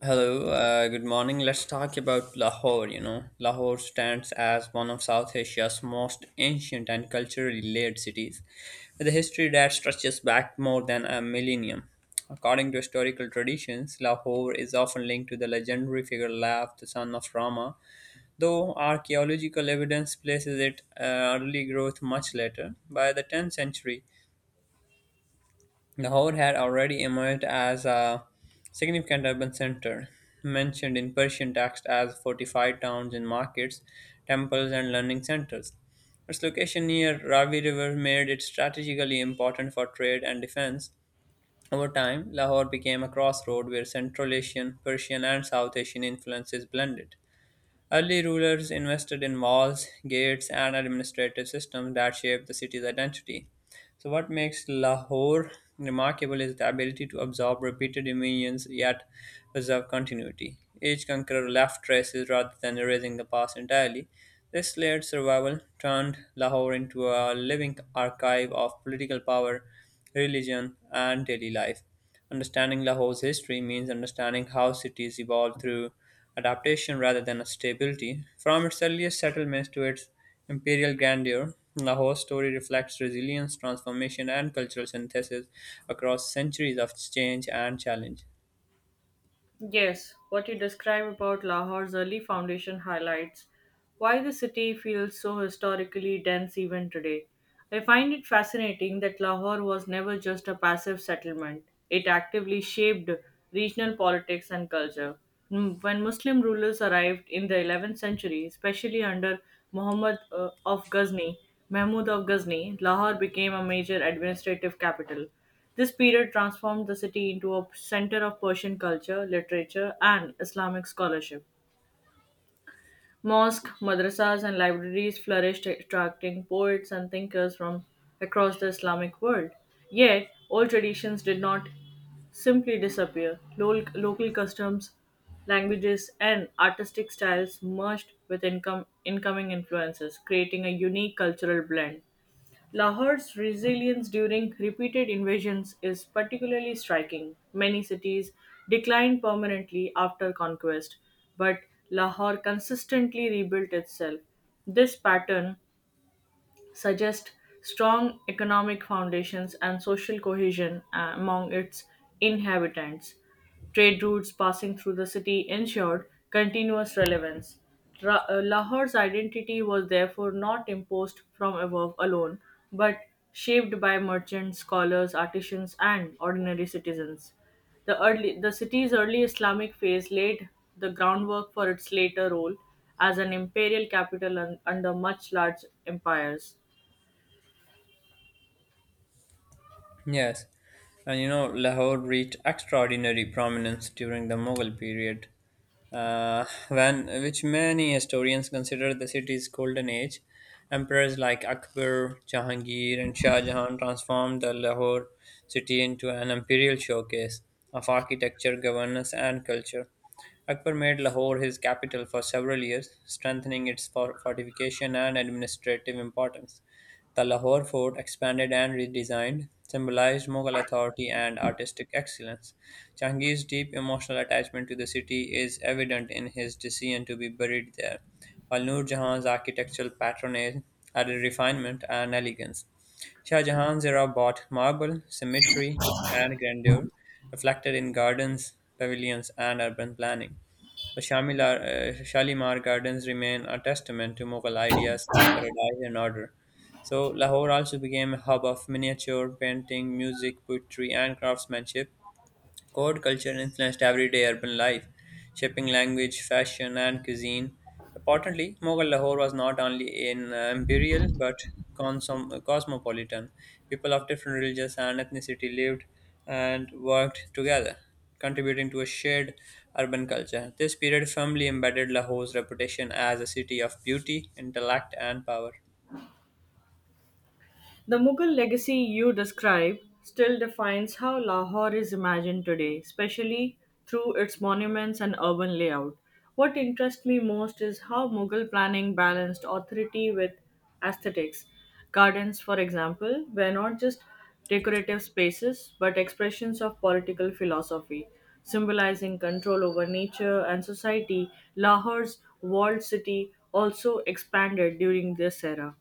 Hello, good morning. Let's talk about Lahore. You know, Lahore stands as one of South Asia's most ancient and culturally layered cities, with a history that stretches back more than a millennium. According to historical traditions, Lahore is often linked to the legendary figure Lav, the son of Rama, though archaeological evidence places it early growth much later. By the 10th century, Lahore had already emerged as a significant urban center, mentioned in Persian texts as fortified towns and markets, temples, and learning centers. Its location near Ravi River made it strategically important for trade and defense. Over time, Lahore became a crossroad where Central Asian, Persian, and South Asian influences blended. Early rulers invested in walls, gates, and administrative systems that shaped the city's identity. So, what makes Lahore remarkable is the ability to absorb repeated dominions yet preserve continuity. Each conqueror left traces rather than erasing the past entirely. This layered survival turned Lahore into a living archive of political power, religion, and daily life. Understanding Lahore's history means understanding how cities evolved through adaptation rather than stability. From its earliest settlements to its imperial grandeur, Lahore's story reflects resilience, transformation, and cultural synthesis across centuries of change and challenge. Yes, what you describe about Lahore's early foundation highlights why the city feels so historically dense even today. I find it fascinating that Lahore was never just a passive settlement, it actively shaped regional politics and culture. Mm, when Muslim rulers arrived in the 11th century, especially under Muhammad uh, of Ghazni, Mahmud of Ghazni, Lahore became a major administrative capital. This period transformed the city into a center of Persian culture, literature, and Islamic scholarship. Mosques, madrasas, and libraries flourished, attracting poets and thinkers from across the Islamic world. Yet, old traditions did not simply disappear. Local customs, languages, and artistic styles merged with incoming influences, creating a unique cultural blend. Lahore's resilience during repeated invasions is particularly striking. Many cities declined permanently after conquest, but Lahore consistently rebuilt itself. This pattern suggest strong economic foundations and social cohesion among its inhabitants. Trade routes passing through the city ensured continuous relevance. Lahore's identity was therefore not imposed from above alone, but shaped by merchants, scholars, artisans, and ordinary citizens. The city's early Islamic phase laid the groundwork for its later role as an imperial capital under much large empires. Yes, and you know, Lahore reached extraordinary prominence during the Mughal period, when which many historians consider the city's golden age. Emperors like Akbar, Jahangir, and Shah Jahan transformed the Lahore city into an imperial showcase of architecture, governance, and culture. Akbar made Lahore his capital for several years, strengthening its fortification and administrative importance. The Lahore fort, expanded and redesigned, symbolized Mughal authority and artistic excellence. Jahangir's deep emotional attachment to the city is evident in his decision to be buried there, while Nur Jahan's architectural patronage added refinement and elegance. Shah Jahan's era brought marble, symmetry, and grandeur, reflected in gardens, pavilions, and urban planning. The Shalimar Gardens remain a testament to Mughal ideas of paradise and order, so Lahore also became a hub of miniature painting, music, poetry, and craftsmanship. Court culture influenced everyday urban life, shaping language, fashion, and cuisine. Importantly, Mughal Lahore was not only an imperial but cosmopolitan. People of different religions and ethnicity lived and worked together, contributing to a shared urban culture. This period firmly embedded Lahore's reputation as a city of beauty, intellect, and power. The Mughal legacy you describe still defines how Lahore is imagined today, especially through its monuments and urban layout. What interests me most is how Mughal planning balanced authority with aesthetics. Gardens, for example, were not just decorative spaces but expressions of political philosophy, symbolizing control over nature and society. Lahore's walled city also expanded during this era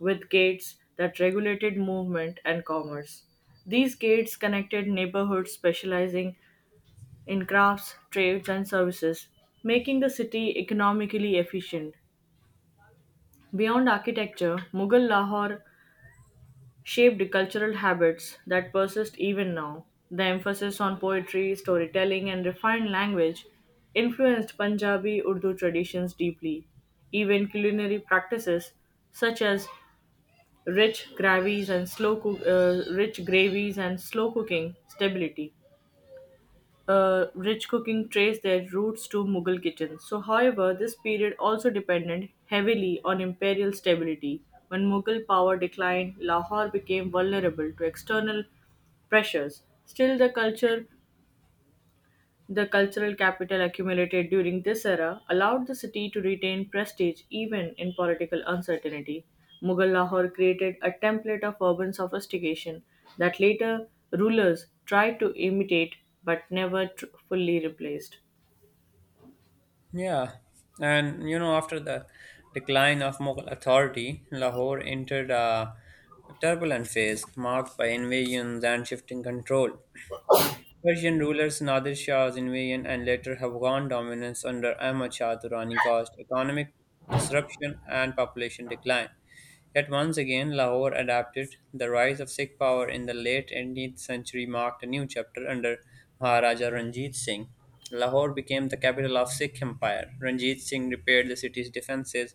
with gates that regulated movement and commerce. These gates connected neighborhoods specializing in crafts, trades, and services, making the city economically efficient. Beyond architecture, Mughal Lahore shaped cultural habits that persist even now. The emphasis on poetry, storytelling, and refined language influenced Punjabi Urdu traditions deeply. Even culinary practices such as rich gravies and slow cooking stability. Rich cooking trace their roots to Mughal kitchens. So, however, this period also depended heavily on imperial stability. When Mughal power declined, Lahore became vulnerable to external pressures. Still, the culture the cultural capital accumulated during this era allowed the city to retain prestige even in political uncertainty. Mughal Lahore created a template of urban sophistication that later rulers tried to imitate but never tr- fully replaced. Yeah, and you know, after the decline of Mughal authority, Lahore entered a turbulent phase marked by invasions and shifting control. Persian rulers Nadir Shah's invasion and later Afghan dominance under Ahmad Shah Durrani caused economic disruption and population decline. Yet once again, Lahore adapted. The rise of Sikh power in the late 18th century marked a new chapter under Maharaja Ranjit Singh. Lahore became the capital of Sikh Empire. Ranjit Singh repaired the city's defenses,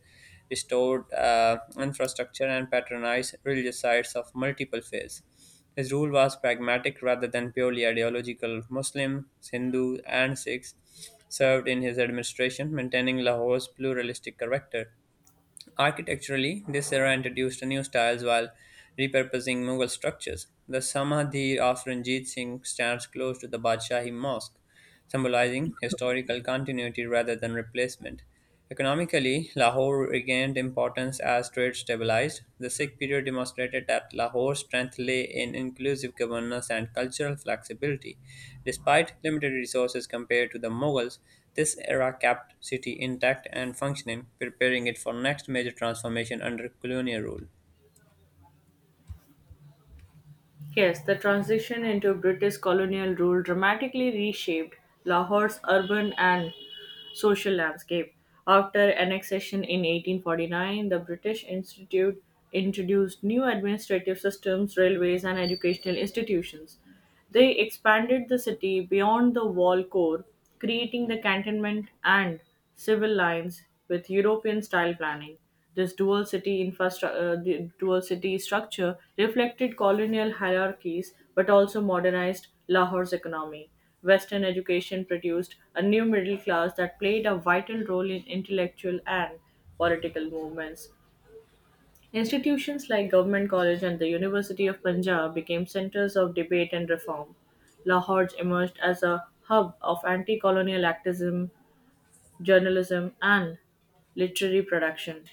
restored infrastructure, and patronized religious sites of multiple faiths. His rule was pragmatic rather than purely ideological. Muslims, Hindus, and Sikhs served in his administration, maintaining Lahore's pluralistic character. Architecturally, this era introduced new styles while repurposing Mughal structures. The Samadhi of Ranjit Singh stands close to the Badshahi Mosque, symbolizing historical continuity rather than replacement. Economically, Lahore regained importance as trade. After it stabilized, the Sikh period demonstrated that Lahore's strength lay in inclusive governance and cultural flexibility. Despite limited resources compared to the Mughals, this era kept city intact and functioning, preparing it for next major transformation under colonial rule. Yes, the transition into British colonial rule dramatically reshaped Lahore's urban and social landscape. After annexation in 1849, the British Institute introduced new administrative systems, railways, and educational institutions. They expanded the city beyond the wall core, creating the cantonment and civil lines with European style planning. This dual city infrastructure, the dual city structure reflected colonial hierarchies but also modernized Lahore's economy. Western education produced a new middle class that played a vital role in intellectual and political movements. Institutions like Government College and the University of Punjab became centers of debate and reform. Lahore emerged as a hub of anti colonial activism journalism and literary production.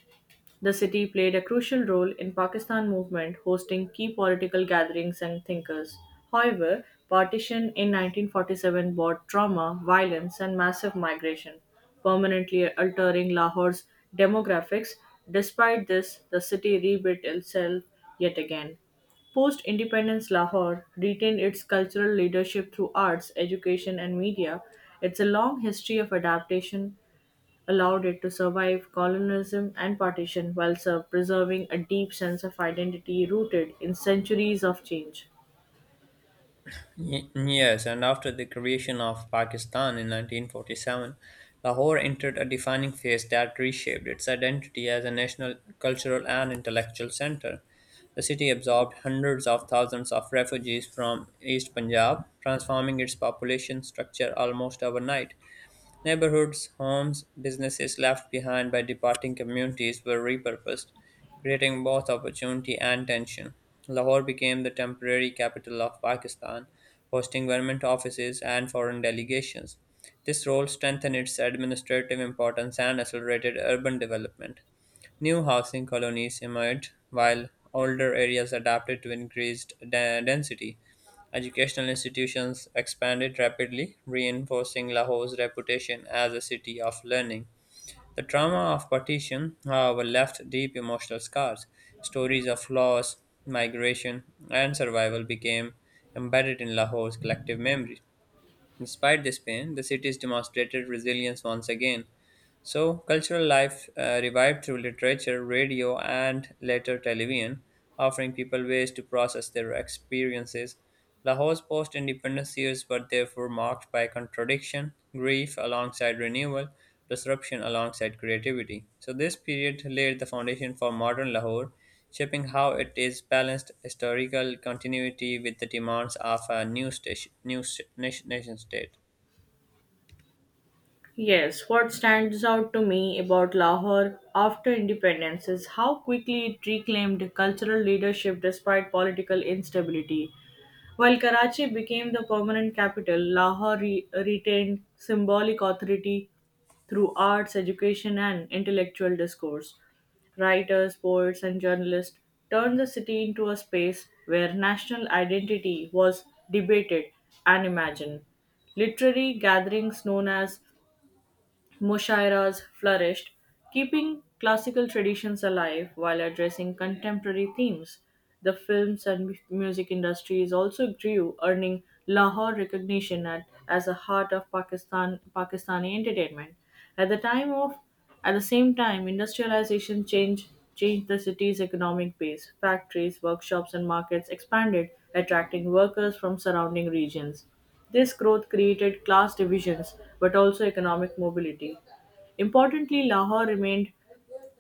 The city played a crucial role in Pakistan movement, hosting key political gatherings and thinkers. However, partition in 1947 brought trauma, violence and massive migration, permanently altering Lahore's demographics. Despite this, the city rebuilt itself yet again. Post independence, Lahore retained its cultural leadership through arts, education, and media. It's a long history of adaptation allowed it to survive colonialism and partition while preserving a deep sense of identity rooted in centuries of change. Yes, and after the creation of Pakistan in 1947, Lahore entered a defining phase that reshaped its identity as a national, cultural, and intellectual center. The city absorbed hundreds of thousands of refugees from East Punjab, transforming its population structure almost overnight. Neighborhoods, homes, businesses left behind by departing communities were repurposed, creating both opportunity and tension. Lahore became the temporary capital of Pakistan, hosting government offices and foreign delegations. This role strengthened its administrative importance and accelerated urban development. New housing colonies emerged, while older areas adapted to increased density. Educational institutions expanded rapidly, reinforcing Lahore's reputation as a city of learning. The trauma of partition, however, left deep emotional scars. Stories of loss, migration, and survival became embedded in Lahore's collective memory. Despite this pain, the cities demonstrated resilience once again. So, cultural life revived through literature, radio, and later television, offering people ways to process their experiences. Lahore's post independence years were therefore marked by contradiction, grief alongside renewal, disruption alongside creativity. So, this period laid the foundation for modern Lahore, shaping how it is balanced historical continuity with the demands of a new nation state. Yes, what stands out to me about Lahore after independence is how quickly it reclaimed cultural leadership despite political instability. While Karachi became the permanent capital, Lahore retained symbolic authority through arts, education, and intellectual discourse. Writers, poets, and journalists turned the city into a space where national identity was debated and imagined. Literary gatherings known as Mushairas flourished, keeping classical traditions alive while addressing contemporary themes. The films and music industries also grew, earning Lahore recognition as a heart of Pakistani entertainment. At the time of at the same time, industrialization changed the city's economic base. Factories, workshops, and markets expanded, attracting workers from surrounding regions. This growth created class divisions but also economic mobility. Importantly, Lahore remained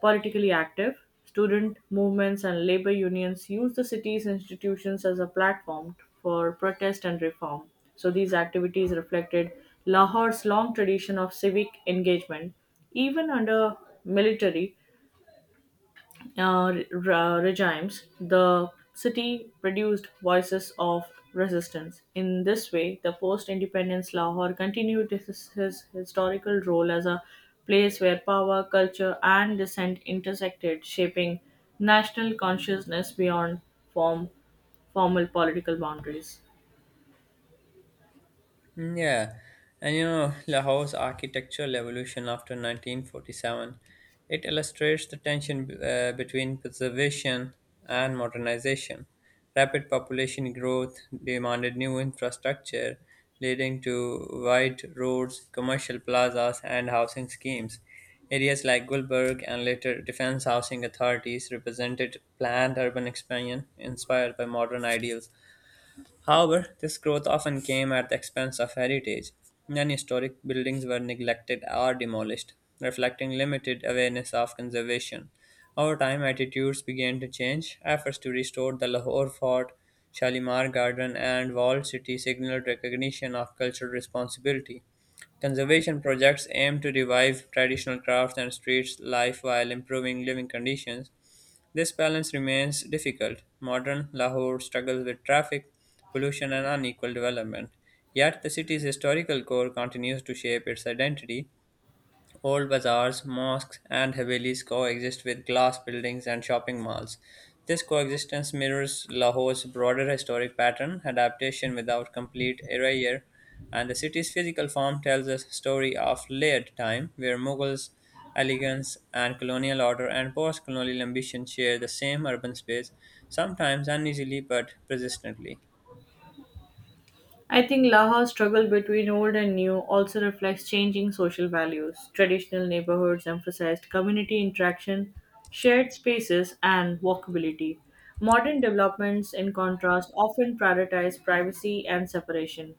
politically active. Student movements and labor unions used the city's institutions as a platform for protest and reform. So these activities reflected Lahore's long tradition of civic engagement, even under military regimes, the city produced voices of resistance. In this way, the post independence Lahore continued his historical role as a place where power, culture, and dissent intersected, shaping national consciousness beyond form, formal political boundaries. Mm, yeah, and you know, Lahore's architectural evolution after 1947, it illustrates the tension between preservation and modernization. Rapid population growth demanded new infrastructure, leading to wide roads, commercial plazas, and housing schemes. Areas like Gulberg and later defense housing authorities represented planned urban expansion inspired by modern ideals. However, this growth often came at the expense of heritage. Many historic buildings were neglected or demolished, reflecting limited awareness of conservation. Over time, attitudes began to change. Efforts to restore the Lahore Fort, Shalimar Garden, and walled city signaled recognition of cultural responsibility. Conservation projects aim to revive traditional crafts and street life while improving living conditions. This balance remains difficult. Modern Lahore struggles with traffic, pollution, and unequal development. Yet the city's historical core continues to shape its identity. Old bazaars, mosques, and Havelis coexist with glass buildings and shopping malls. This coexistence mirrors Lahore's broader historic pattern, adaptation without complete erasure, and the city's physical form tells a story of layered time, where Mughals, elegance, and colonial order and post colonial ambition share the same urban space, sometimes uneasily but persistently. I think Laha's struggle between old and new also reflects changing social values. Traditional neighborhoods emphasized community interaction, shared spaces, and walkability. Modern developments, in contrast, often prioritize privacy and separation.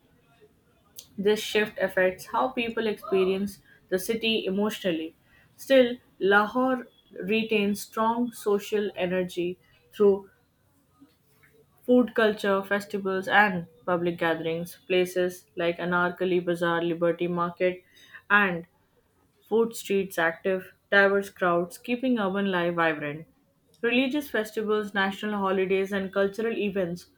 This shift affects how people experience the city emotionally. Still, Lahore retains strong social energy through Food culture, festivals, and public gatherings, places like Anarkali Bazaar, Liberty Market, and food streets active, diverse crowds, keeping urban life vibrant. Religious festivals, national holidays, and cultural events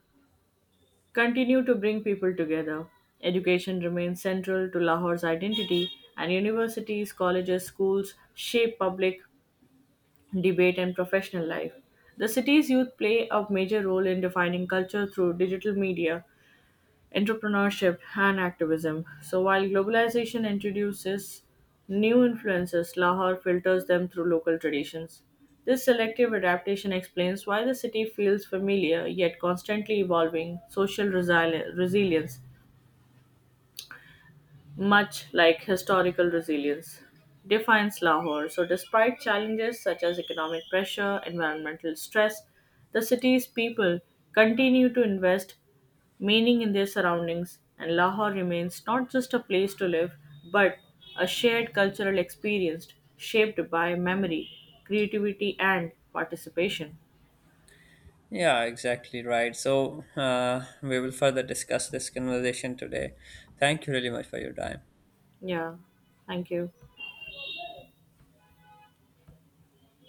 continue to bring people together. Education remains central to Lahore's identity, and universities, colleges, schools shape public debate and professional life. The city's youth play a major role in defining culture through digital media, entrepreneurship, and activism. So, while globalization introduces new influences, Lahore filters them through local traditions. This selective adaptation explains why the city feels familiar yet constantly evolving social resilience much like historical resilience, defines Lahore. So, despite challenges such as economic pressure, environmental stress, the city's people continue to invest meaning in their surroundings, and Lahore remains not just a place to live but a shared cultural experience shaped by memory, creativity, and participation. Yeah, exactly right. So we will further discuss this conversation today. Thank you really much for your time. Yeah, thank you.